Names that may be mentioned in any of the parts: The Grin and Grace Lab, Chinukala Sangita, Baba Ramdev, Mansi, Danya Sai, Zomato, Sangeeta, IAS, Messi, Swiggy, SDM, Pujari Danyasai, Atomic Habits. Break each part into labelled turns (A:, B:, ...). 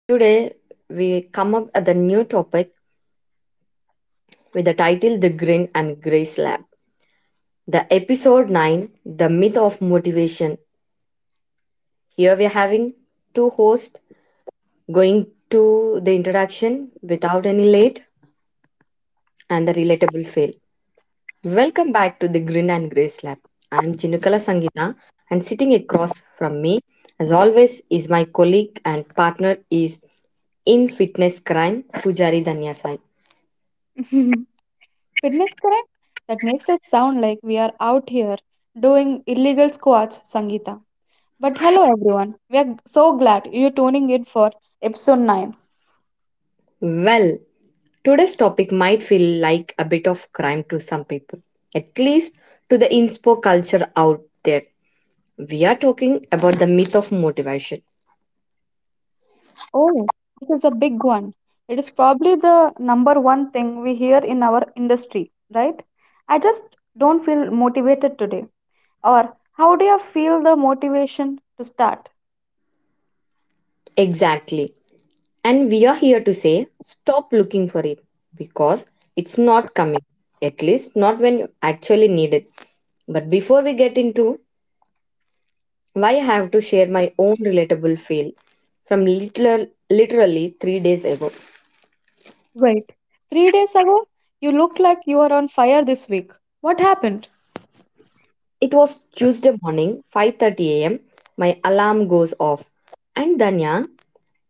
A: Today we come up at the new topic with the title The Grin and Grace Lab. The episode 9, The Myth of Motivation. Here we are having two hosts going to the introduction without any late and the relatable fail. Welcome back to the Grin and Grace Lab. I am Chinukala Sangita, and sitting across from me, as always, is my colleague and partner is in fitness crime, Pujari Danyasai.
B: Fitness correct? That makes us sound like we are out here doing illegal squats, Sangeeta. But hello everyone. We are so glad you're tuning in for episode 9.
A: Well, today's topic might feel like a bit of crime to some people, at least to the inspo culture out there. We are talking about the myth of motivation.
B: Oh, this is a big one. It is probably the number one thing we hear in our industry, right? I just don't feel motivated today. Or how do you feel the motivation to start?
A: Exactly. And we are here to say stop looking for it because it's not coming, at least not when you actually need it. But before we get into why I have to share my own relatable fail from literally 3 days ago.
B: Wait, 3 days ago, you looked like you were on fire this week. What happened?
A: It was Tuesday morning 5:30 a.m. My alarm goes off and, Danya,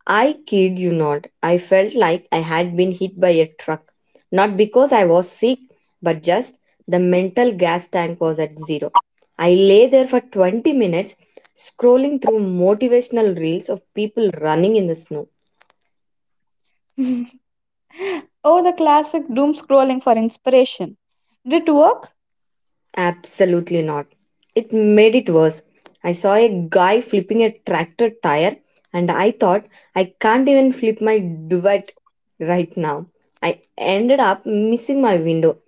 A: I kid you not, I felt like I had been hit by a truck. Not because I was sick, but just the mental gas tank was at zero. I lay there for 20 minutes scrolling through motivational reels of people running in the snow.
B: Oh, the classic doom scrolling for inspiration. Did it work?
A: Absolutely not. It made it worse. I saw a guy flipping a tractor tire and I thought I can't even flip my duvet right now. I ended up missing my window,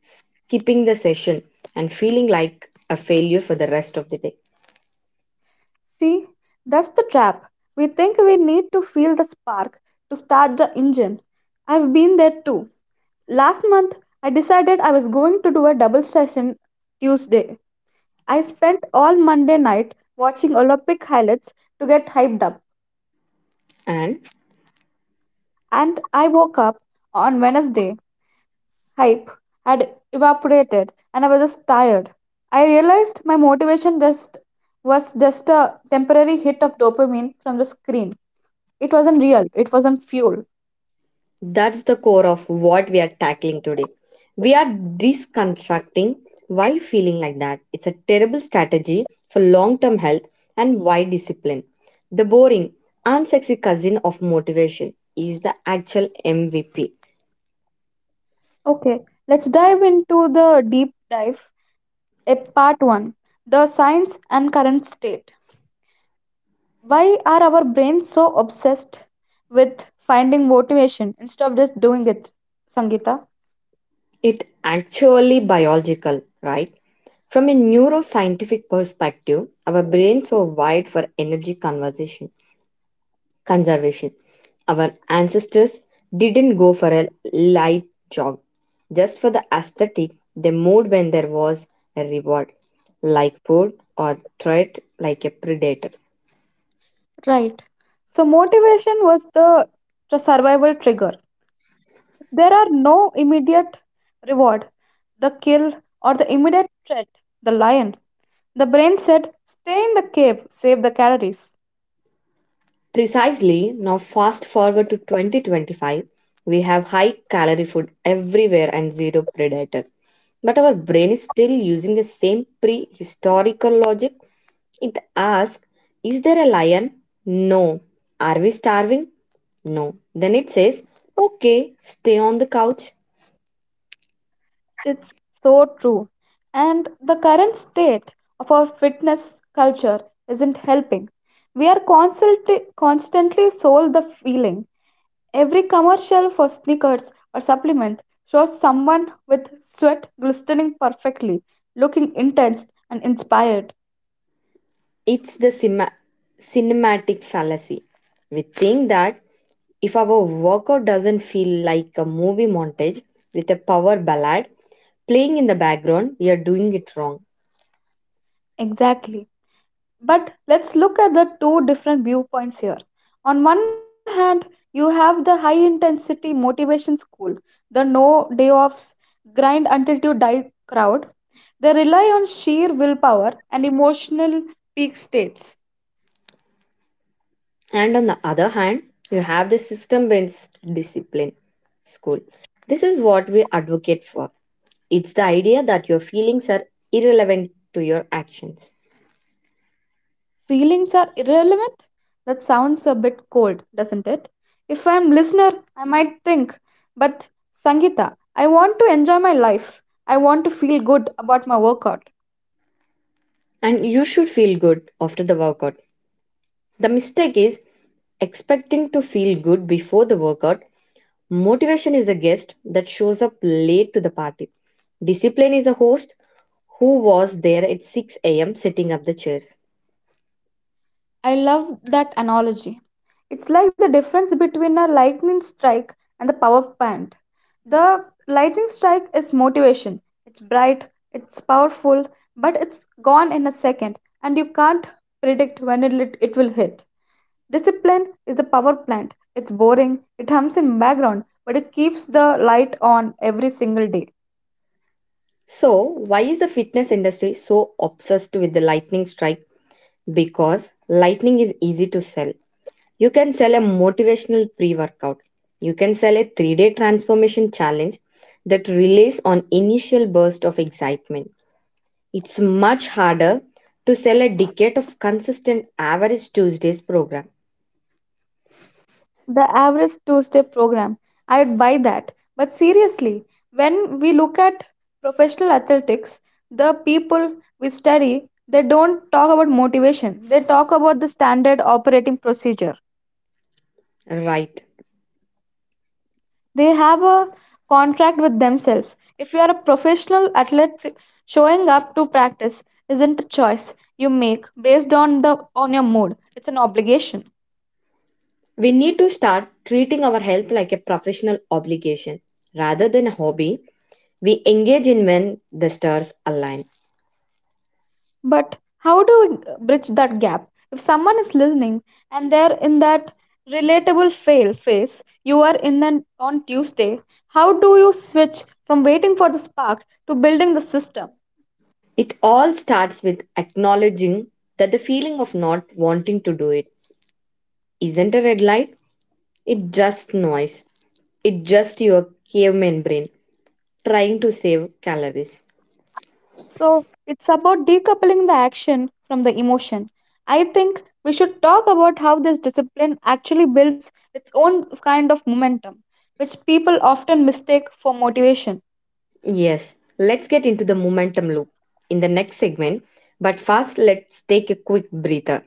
A: skipping the session, and feeling like a failure for the rest of the day.
B: See, that's the trap. We think we need to feel the spark to start the engine. I've been there too. Last month, I decided I was going to do a double session Tuesday. I spent all Monday night watching Olympic highlights to get hyped up,
A: And
B: and I woke up on Wednesday hype had evaporated and I was just tired. I realized my motivation just was just a temporary hit of dopamine from the screen. It wasn't real, it wasn't fuel.
A: that's the core of what we are tackling today. We are deconstructing why feeling like that. It's a terrible strategy for long term health and why discipline. The boring, unsexy cousin of motivation is the actual MVP.
B: Okay, let's dive into the deep dive. A part 1. The science and current state. Why are our brains so obsessed with finding motivation instead of just doing it, Sangita?
A: It actually biological, right? From a neuroscientific perspective, our brains are wired for energy conservation. Our ancestors didn't go for a light jog just for the aesthetic, they moved when there was a reward, like food or threat like a predator.
B: Right. So, motivation was the survival trigger. There are no immediate reward, the kill, or the immediate threat, the lion. The brain said, stay in the cave, save the calories.
A: Precisely, now fast forward to 2025, we have high calorie food everywhere and zero predators. But our brain is still using the same prehistorical logic. It asks, is there a lion? No. Are we starving? No. Then it says, okay, stay on the couch.
B: It's so true. And the current state of our fitness culture isn't helping. We are constantly sold the feeling. Every commercial for sneakers or supplement shows someone with sweat glistening perfectly, looking intense and inspired.
A: It's the cinematic fallacy. We think that if our workout doesn't feel like a movie montage with a power ballad playing in the background, we are doing it wrong.
B: Exactly. But let's look at the two different viewpoints here. On one hand, you have the high intensity motivation school, the no day offs, grind until you die crowd. They rely on sheer willpower and emotional peak states.
A: And on the other hand, you have the system based discipline school. This is what we advocate for. It's the idea that your feelings are irrelevant to your actions.
B: Feelings are irrelevant? That sounds a bit cold, doesn't it? If I'm listener, I might think, but Sangita, I want to enjoy my life. I want to feel good about my workout.
A: And you should feel good after the workout. The mistake is expecting to feel good before the workout. Motivation is a guest that shows up late to the party. Discipline is a host who was there at 6 a.m. setting up the chairs.
B: I love that analogy. It's like the difference between a lightning strike and the power plant. The lightning strike is motivation. It's bright, it's powerful, but it's gone in a second and you can't predict when it will hit. Discipline is the power plant. It's boring, it hums in background, but it keeps the light on every single day.
A: So, why is the fitness industry so obsessed with the lightning strike? Because lightning is easy to sell. You can sell a motivational pre workout. You can sell a 3 day transformation challenge that relies on initial burst of excitement. It's much harder to sell a decade of consistent average Tuesdays program.
B: The average two step program. I'd buy that. But seriously, when we look at professional athletics, the people we study, they don't talk about motivation. They talk about the standard operating procedure.
A: Right.
B: They have a contract with themselves. If you are a professional athlete, showing up to practice isn't a choice you make based on the on your mood. It's an obligation.
A: We need to start treating our health like a professional obligation rather than a hobby we engage in when the stars align.
B: But how do we bridge that gap? If someone is listening and they're in that relatable fail phase you are in on Tuesday, how do you switch from waiting for the spark to building the system?
A: It all starts with acknowledging that the feeling of not wanting to do it isn't a red light. It's just noise. It's just your caveman brain trying to save calories.
B: So it's about decoupling the action from the emotion. I think we should talk about how this discipline actually builds its own kind of momentum, which people often mistake for motivation.
A: Yes, let's get into the momentum loop in the next segment, but first let's take a quick breather.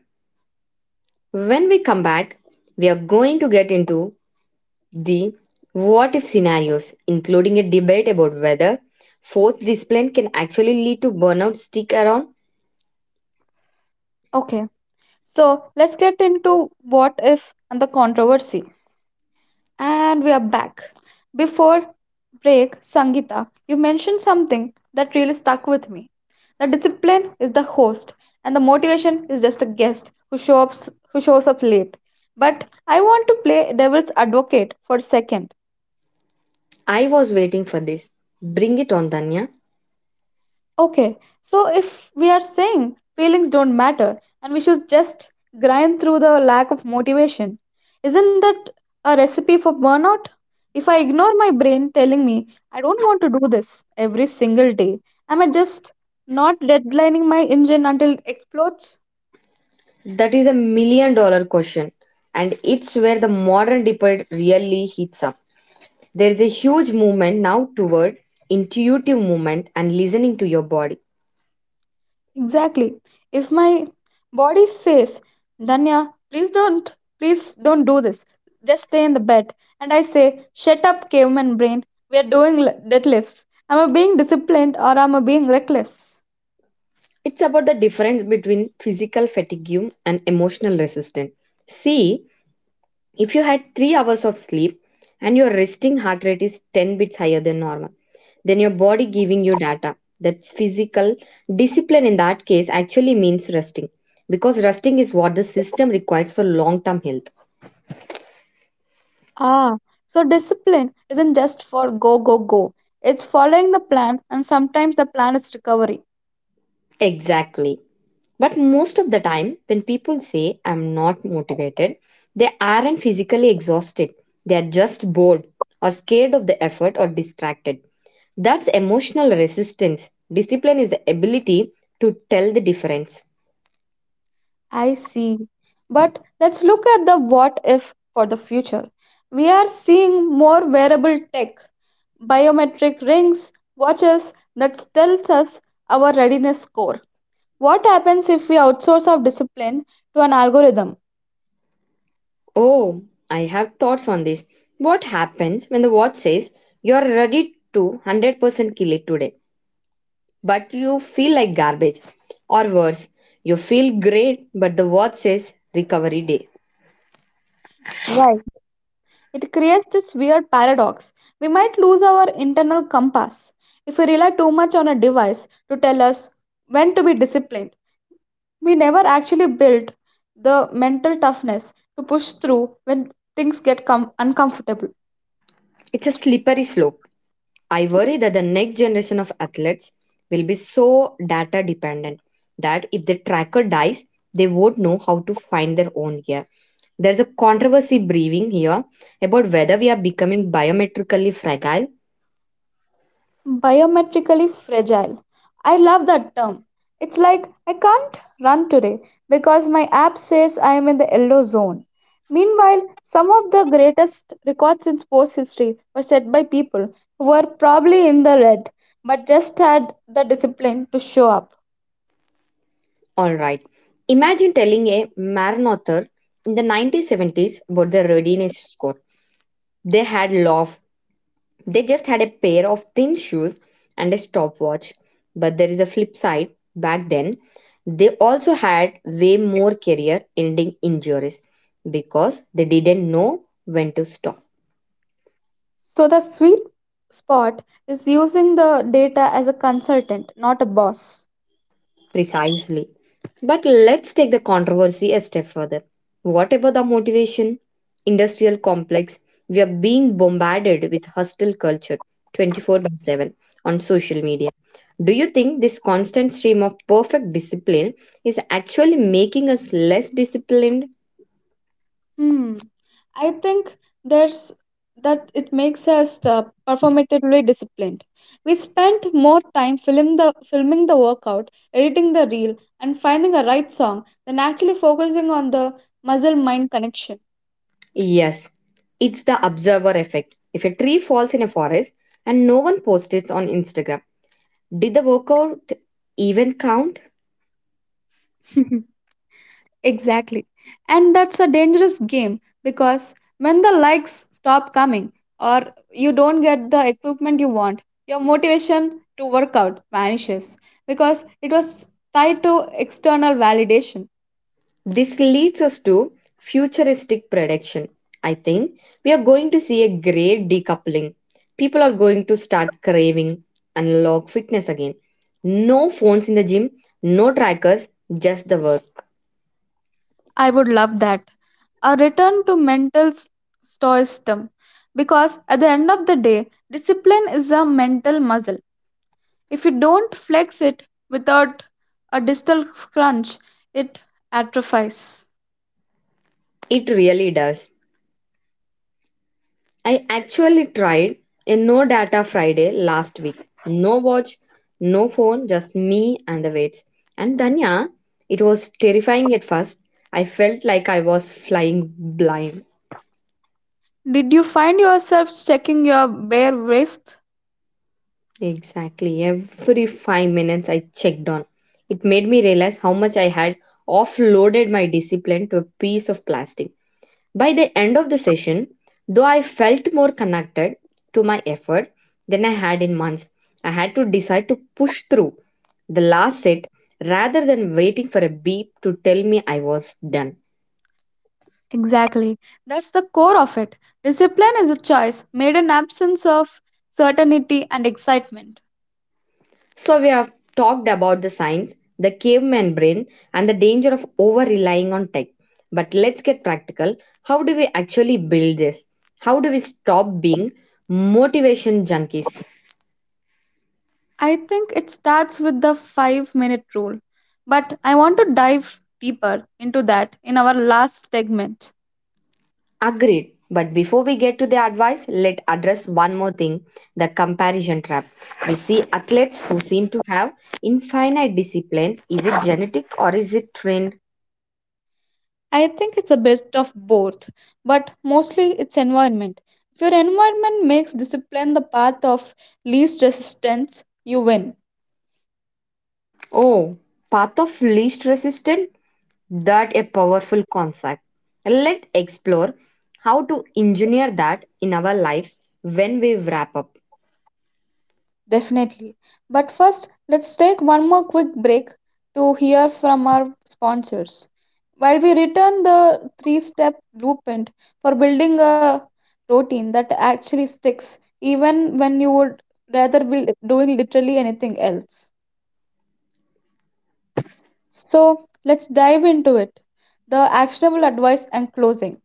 A: When we come back, we are going to get into the what if scenarios, including a debate about whether forced discipline can actually lead to burnout. Stick around.
B: Okay, so let's get into what if and the controversy. And we are back. Before break, Sangita, you mentioned something that really stuck with me. The discipline is the host, and the motivation is just a guest who shows up late. But I want to play devil's advocate for a second.
A: I was waiting for this. Bring it on, Danya.
B: Okay, so if we are saying feelings don't matter and we should just grind through the lack of motivation, isn't that a recipe for burnout? If I ignore my brain telling me I don't want to do this every single day, am I just not deadlining my engine until it explodes?
A: That is a million dollar question, and it's where the modern debate really heats up. There is a huge movement now toward intuitive movement and listening to your body.
B: Exactly. If my body says, Danya, please don't do this. Just stay in the bed. And I say, shut up, caveman brain. We are doing deadlifts. Am I being disciplined or am I being reckless?
A: It's about the difference between physical fatigue and emotional resistance. See, if you had 3 hours of sleep and your resting heart rate is 10 beats higher than normal, then your body giving you data. That's physical. Discipline in that case actually means resting because resting is what the system requires for long term health.
B: Ah, so discipline isn't just for go, go, go. It's following the plan, and sometimes the plan is recovery.
A: Exactly. But most of the time, when people say I'm not motivated, they aren't physically exhausted. They are just bored or scared of the effort or distracted. That's emotional resistance. Discipline is the ability to tell the difference.
B: I see. But let's look at the what if for the future. We are seeing more wearable tech, biometric rings, watches that tells us our readiness score. What happens if we outsource our discipline to an algorithm?
A: Oh, I have thoughts on this. What happens when the watch says you're ready to 100% kill it today, but you feel like garbage? Or worse, you feel great, but the watch says recovery day.
B: Right. It creates this weird paradox. We might lose our internal compass if we rely too much on a device to tell us when to be disciplined. We never actually built the mental toughness to push through when things get uncomfortable.
A: It's a slippery slope. I worry that the next generation of athletes will be so data dependent that if the tracker dies, they won't know how to find their own gear. There's a controversy brewing here about whether we are becoming biometrically fragile.
B: Biometrically fragile. I love that term. It's like I can't run today because my app says I am in the yellow zone. Meanwhile, some of the greatest records in sports history were set by people who were probably in the red but just had the discipline to show up.
A: All right. Imagine telling a marathon in the 1970s about their readiness score. They had law of. They just had a pair of thin shoes and a stopwatch. But there is a flip side. Back then, they also had way more career ending injuries because they didn't know when to stop.
B: So the sweet spot is using the data as a consultant, not a boss.
A: Precisely. But let's take the controversy a step further. What about the motivation? Industrial complex, we are being bombarded with hostile culture 24 by 7 on social media. Do you think this constant stream of perfect discipline is actually making us less disciplined?
B: Hmm. I think there's that it makes us performatively disciplined. We spent more time filming the workout, editing the reel, and finding a right song than actually focusing on the muscle mind connection.
A: Yes, it's the observer effect. If a tree falls in a forest and no one posts it on Instagram, did the workout even count?
B: Exactly. And that's a dangerous game because when the likes stop coming or you don't get the equipment you want, your motivation to work out vanishes because it was tied to external validation.
A: This leads us to futuristic prediction. I think we are going to see a great decoupling. People are going to start craving analog fitness again. No phones in the gym, no trackers, just the work.
B: I would love that. A return to mental stoicism because at the end of the day, discipline is a mental muscle. If you don't flex it without a distal crunch, it atrophies.
A: It really does. I actually tried a no data Friday last week. No watch, no phone, just me and the weights. And, Danya, it was terrifying at first. I felt like I was flying blind.
B: Did you find yourself checking your bare wrist?
A: Exactly. Every 5 minutes I checked on. It made me realize how much I had offloaded my discipline to a piece of plastic. By the end of the session, though I felt more connected to my effort than I had in months, I had to decide to push through the last set rather than waiting for a beep to tell me I was done.
B: Exactly. That's the core of it. Discipline is a choice made in absence of certainty and excitement.
A: So, we have talked about the science, the caveman brain, and the danger of over relying on tech. But let's get practical. How do we actually build this? How do we stop being motivation junkies?
B: I think it starts with the 5 minute rule. But I want to dive deeper into that in our last segment.
A: Agreed. But before we get to the advice, let address one more thing, the comparison trap. We see athletes who seem to have infinite discipline. Is it genetic or is it trained?
B: I think it's a bit of both, but mostly it's environment. If your environment makes discipline the path of least resistance, you win.
A: Oh, path of least resistance? That a powerful concept. Let's explore how to engineer that in our lives when we wrap up.
B: Definitely. But first, let's take one more quick break to hear from our sponsors. While we return the three step blueprint for building a routine that actually sticks, even when you would rather be doing literally anything else. So, let's dive into it, the actionable advice and closing.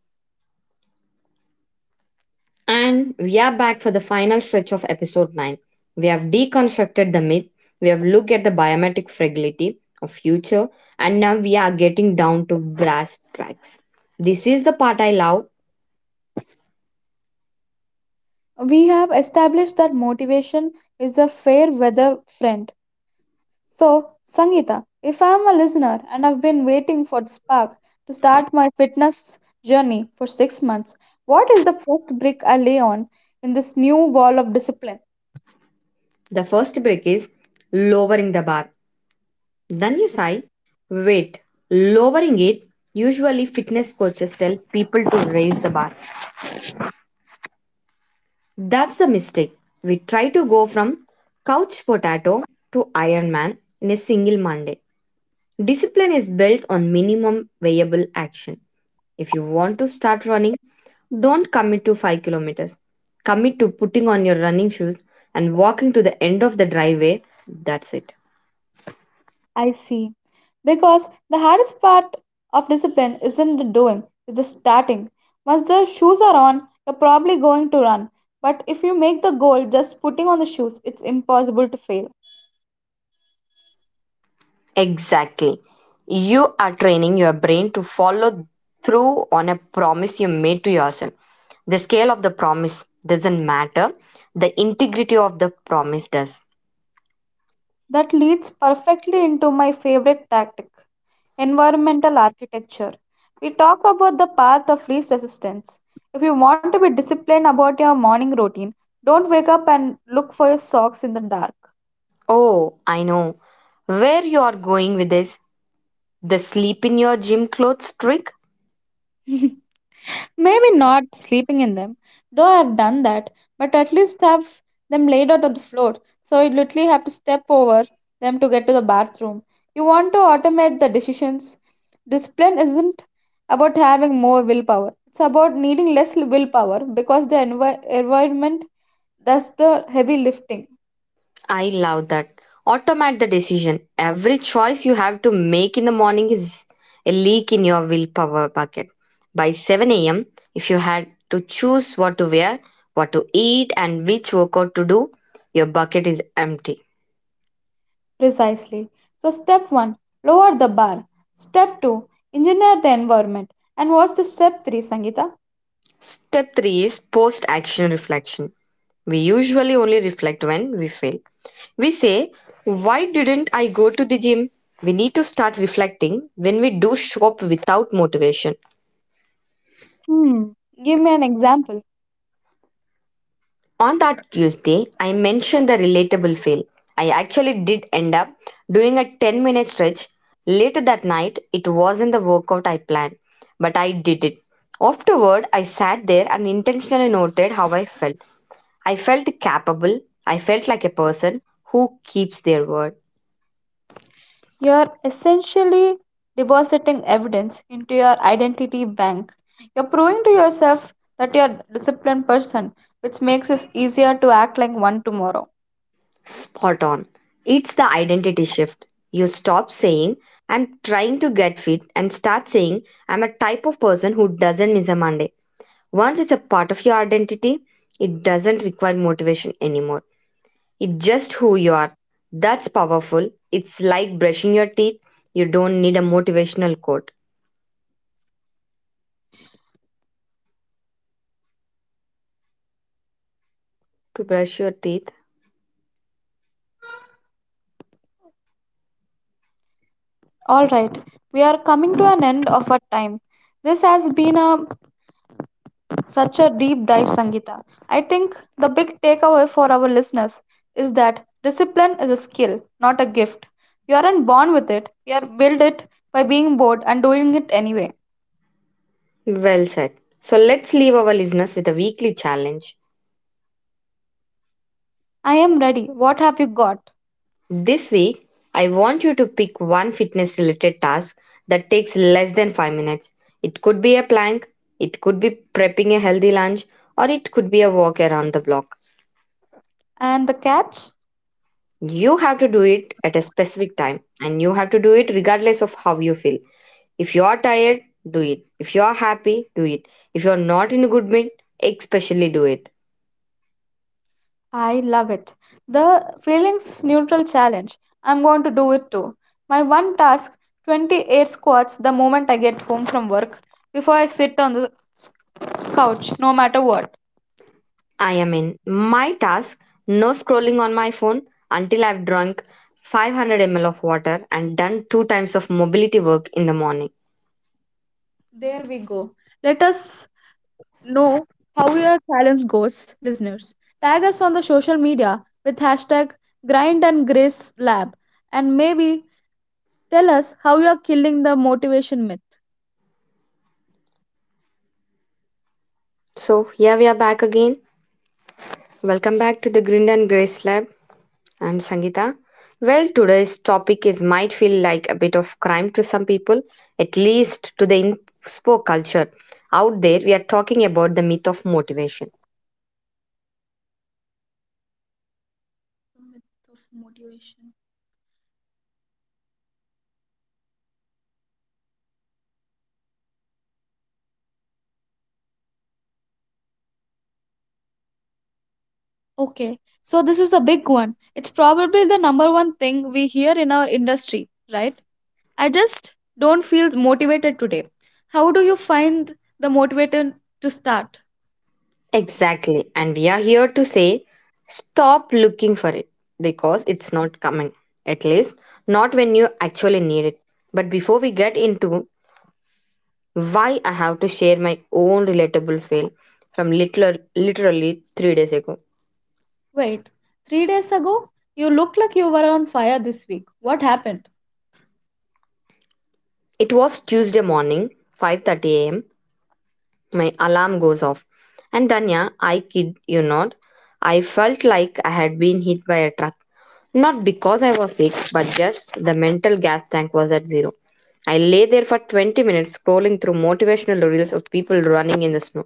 A: And we are back for the final stretch of episode 9. We have deconstructed the myth, we have looked at the biometric fragility of future, and now we are getting down to brass tracks. This is the part I love.
B: We have established that motivation is a fair weather friend. So, Sangeeta, if I'm a listener and I've been waiting for the spark to start my fitness journey for 6 months, what is the first brick I lay on in this new wall of discipline?
A: The first break is lowering the bar. Then you sigh, wait, lowering it. Usually, fitness coaches tell people to raise the bar. That's the mistake. We try to go from couch potato to Ironman in a single Monday. Discipline is built on minimum viable action. If you want to start running, don't commit to 5 kilometers. Commit to putting on your running shoes and walking to the end of the driveway. That's it.
B: I see. Because the hardest part of discipline isn't the doing, it's the starting. Once the shoes are on, you're probably going to run. But if you make the goal just putting on the shoes, it's impossible to fail.
A: Exactly. You are training your brain to follow through on a promise you made to yourself. The scale of the promise doesn't matter, the integrity of the promise does.
B: That leads perfectly into my favorite tactic, environmental architecture. We talk about the path of least resistance. If you want to be disciplined about your morning routine, don't wake up and look for your socks in the dark.
A: Oh, I know where you are going with this. The sleep in your gym clothes trick?
B: Maybe not sleeping in them, though I've done that, but at least have them laid out on the floor, so you literally have to step over them to get to the bathroom. You want to automate the decisions. Discipline isn't about having more willpower, it's about needing less willpower because the environment does the heavy lifting.
A: I love that. Automate the decision. Every choice you have to make in the morning is a leak in your willpower bucket. By 7 a.m., if you had to choose what to wear, what to eat, and which workout to do, your bucket is empty.
B: Precisely. So, step one, lower the bar. Step two, engineer the environment. And what's the step three, Sangita?
A: Step 3 is post action reflection. We usually only reflect when we fail. We say, why didn't I go to the gym? We need to start reflecting when we do shop without motivation.
B: Hmm, give me an example.
A: On that Tuesday, I mentioned the relatable fail. I actually did end up doing a 10-minute stretch. Later that night, it wasn't the workout I planned, but I did it. Afterward, I sat there and intentionally noted how I felt. I felt capable. I felt like a person who keeps their word.
B: You are essentially depositing evidence into your identity bank. You're proving to yourself that you're a disciplined person, which makes it easier to act like one tomorrow.
A: Spot on. It's the identity shift. You stop saying, I'm trying to get fit, and start saying, I'm a type of person who doesn't miss a Monday. Once it's a part of your identity, it doesn't require motivation anymore. It's just who you are. That's powerful. It's like brushing your teeth. You don't need a motivational quote to brush your teeth.
B: Alright, we are coming to an end of our time. This has been a such a deep dive, Sangita. I think the big takeaway for our listeners is that discipline is a skill, not a gift. You aren't born with it, you are built it by being bored and doing it anyway.
A: Well said. So let's leave our listeners with a weekly challenge.
B: I am ready. What have you got?
A: This week, I want you to pick one fitness related task that takes less than 5 minutes. It could be a plank, it could be prepping a healthy lunch, or it could be a walk around the block.
B: And the catch?
A: You have to do it at a specific time and you have to do it regardless of how you feel. If you are tired, do it. If you are happy, do it. If you are not in a good mood, especially do it.
B: I love it. The feelings neutral challenge. I'm going to do it too. My one task, 28 squats the moment I get home from work before I sit on the couch, no matter what.
A: I am in my task, no scrolling on my phone until I've drunk 500 ml of water and done two times of mobility work in the morning.
B: There we go. Let us know how your challenge goes, listeners. Tag us on the social media with hashtag grind and grace lab and maybe tell us how you are killing the motivation myth.
A: So, here we are back again. Welcome back to the Grind and Grace Lab. I'm Sangeeta. Well, today's topic is might feel like a bit of crime to some people, at least to the inspo culture. Out there, we are talking about the myth of motivation.
B: The myth of motivation. Okay, so this is a big one. It's probably the number one thing we hear in our industry, right? I just don't feel motivated today. How do you find the motivation to start?
A: Exactly, and we are here to say stop looking for it because it's not coming, at least not when you actually need it. But before we get into why, I have to share my own relatable fail from literally 3 days ago.
B: Wait, 3 days ago, you looked like you were on fire this week. What happened?
A: It was Tuesday morning, 5:30 a.m. My alarm goes off. And Danya, I kid you not, I felt like I had been hit by a truck. Not because I was sick, but just the mental gas tank was at zero. I lay there for 20 minutes scrolling through motivational reels of people running in the snow.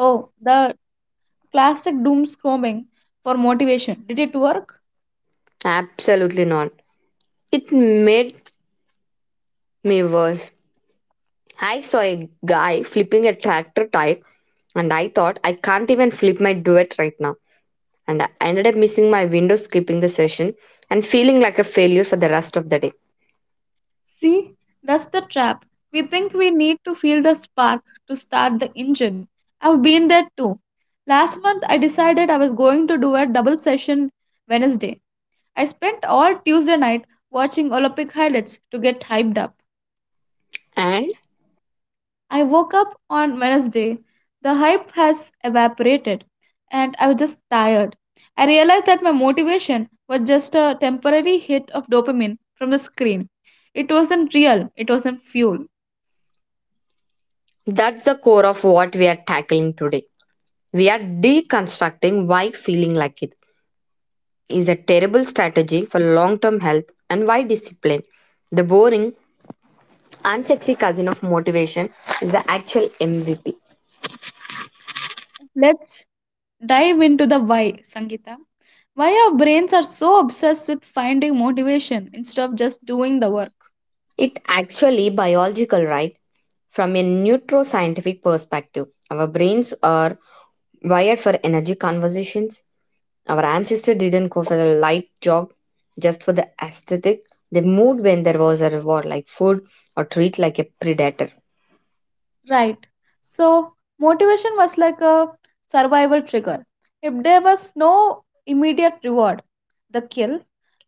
B: Oh, the classic doom scrolling for motivation. Did it work?
A: Absolutely not. It made me worse. I saw a guy flipping a tractor tire and I thought, I can't even flip my duet right now. And I ended up missing my window, skipping the session, and feeling like a failure for the rest of the day.
B: See, that's the trap. We think we need to feel the spark to start the engine. I've been there too. Last month, I decided I was going to do a double session Wednesday. I spent all Tuesday night watching Olympic highlights to get hyped up.
A: And
B: I woke up on Wednesday. The hype has evaporated, and I was just tired. I realized that my motivation was just a temporary hit of dopamine from the screen. It wasn't real, it wasn't fuel.
A: that's the core of what we are tackling today. We are deconstructing why feeling like it is a terrible strategy for long term health, and why discipline, the boring, unsexy cousin of motivation, is the actual MVP.
B: Let's dive into the why, Sangeeta. Why our brains are so obsessed with finding motivation instead of just doing the work.
A: It actually biological, right? From a neuroscientific perspective, our brains are wired for energy conservation. Our ancestors didn't go for the light jog just for the aesthetic. They moved when there was a reward, like food, or treat like a predator.
B: Right. So, motivation was like a survival trigger. If there was no immediate reward, the kill,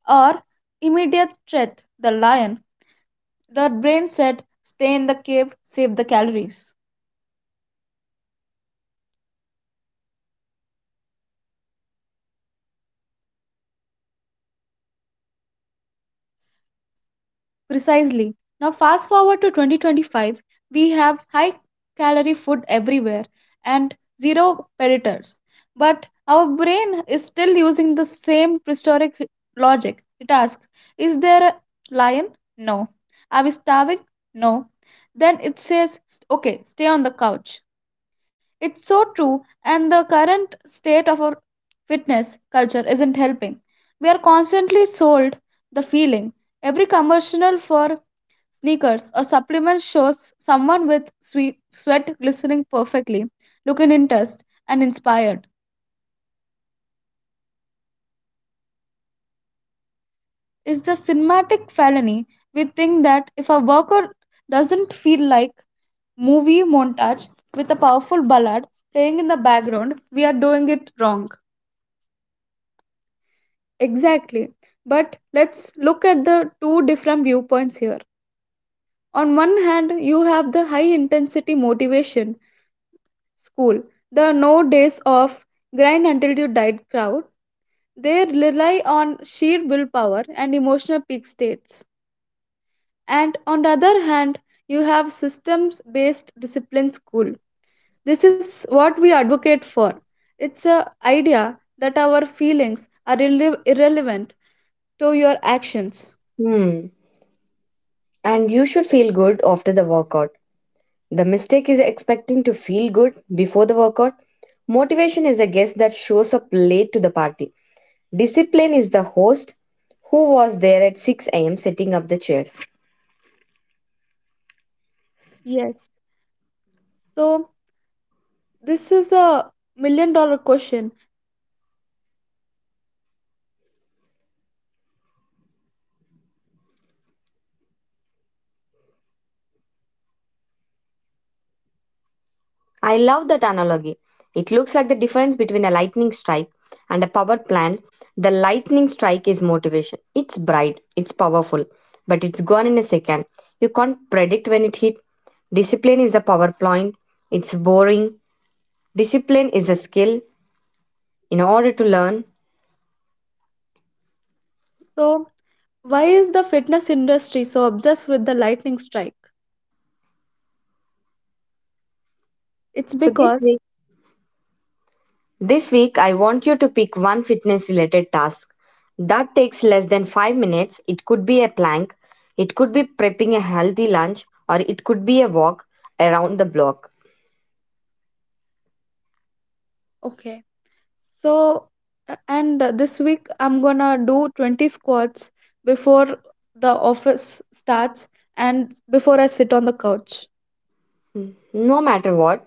B: or immediate threat, the lion, the brain said, stay in the cave, save the calories. Precisely. Now, fast forward to 2025, we have high calorie food everywhere and zero predators. But our brain is still using the same prehistoric logic. It asks, is there a lion? No. Are we starving? No. Then it says, okay, stay on the couch. It's so true, and the current state of our fitness culture isn't helping. We are constantly sold the feeling. Every commercial for sneakers, a supplement shows someone with sweet sweat glistening perfectly, looking interested and inspired. It's the cinematic felony. We think that if a worker doesn't feel like movie montage with a powerful ballad playing in the background, we are doing it wrong. Exactly. But let's look at the two different viewpoints here. On one hand, you have the high intensity motivation school, the no days of grind until you die crowd. They rely on sheer willpower and emotional peak states. And on the other hand, you have systems based discipline school. This is what we advocate for. It's a idea that our feelings are irrelevant to your actions.
A: Hmm. And you should feel good after the workout. The mistake is expecting to feel good before the workout. Motivation is a guest that shows up late to the party. Discipline is the host who was there at 6 a.m. setting up the chairs.
B: Yes. So this is a million dollar question.
A: I love that analogy. It looks like the difference between a lightning strike and a power plant. The lightning strike is motivation. It's bright, it's powerful, but it's gone in a second. You can't predict when it hit. Discipline is the PowerPoint. It's boring. Discipline is the skill in order to learn.
B: So why is the fitness industry so obsessed with the lightning strike? It's
A: So this
B: because
A: week this week, I want you to pick one fitness related task that takes less than 5 minutes. It could be a plank, it could be prepping a healthy lunch, or it could be a walk around the block.
B: okay. So a- and this week I'm gonna do 20 squats before the office starts and before I sit on the couch.
A: No matter what,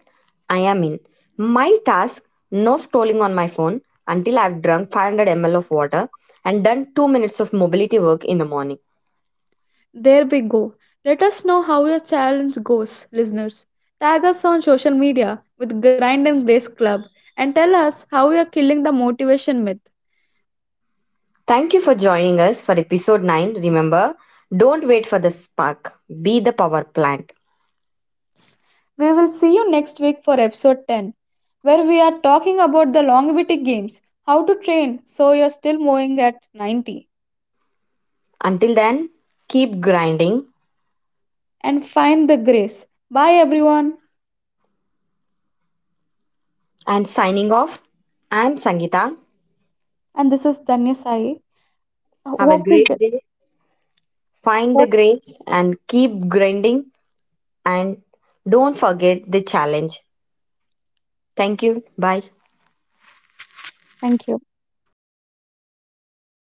A: I am in. My task, no scrolling on my phone until I've drunk 500 ml of water and done 2 minutes of mobility work in the morning.
B: There we go. Let us know how your challenge goes, listeners. Tag us on social media with Grind and Grace Club and tell us how we are killing the motivation myth.
A: Thank you for joining us for episode 9. Remember, don't wait for the spark, be the power plant.
B: We will see you next week for episode 10, where we are talking about the longevity games, how to train so you're still moving at 90.
A: Until then, keep grinding
B: And find the grace. Bye, everyone.
A: and signing off. I'm Sangita.
B: And this is Danya Sai.
A: Have a
B: Hope you
A: great
B: get.
A: day. Find the
B: What.
A: grace and keep grinding, and don't forget the challenge. Thank you. Bye.
B: Thank you.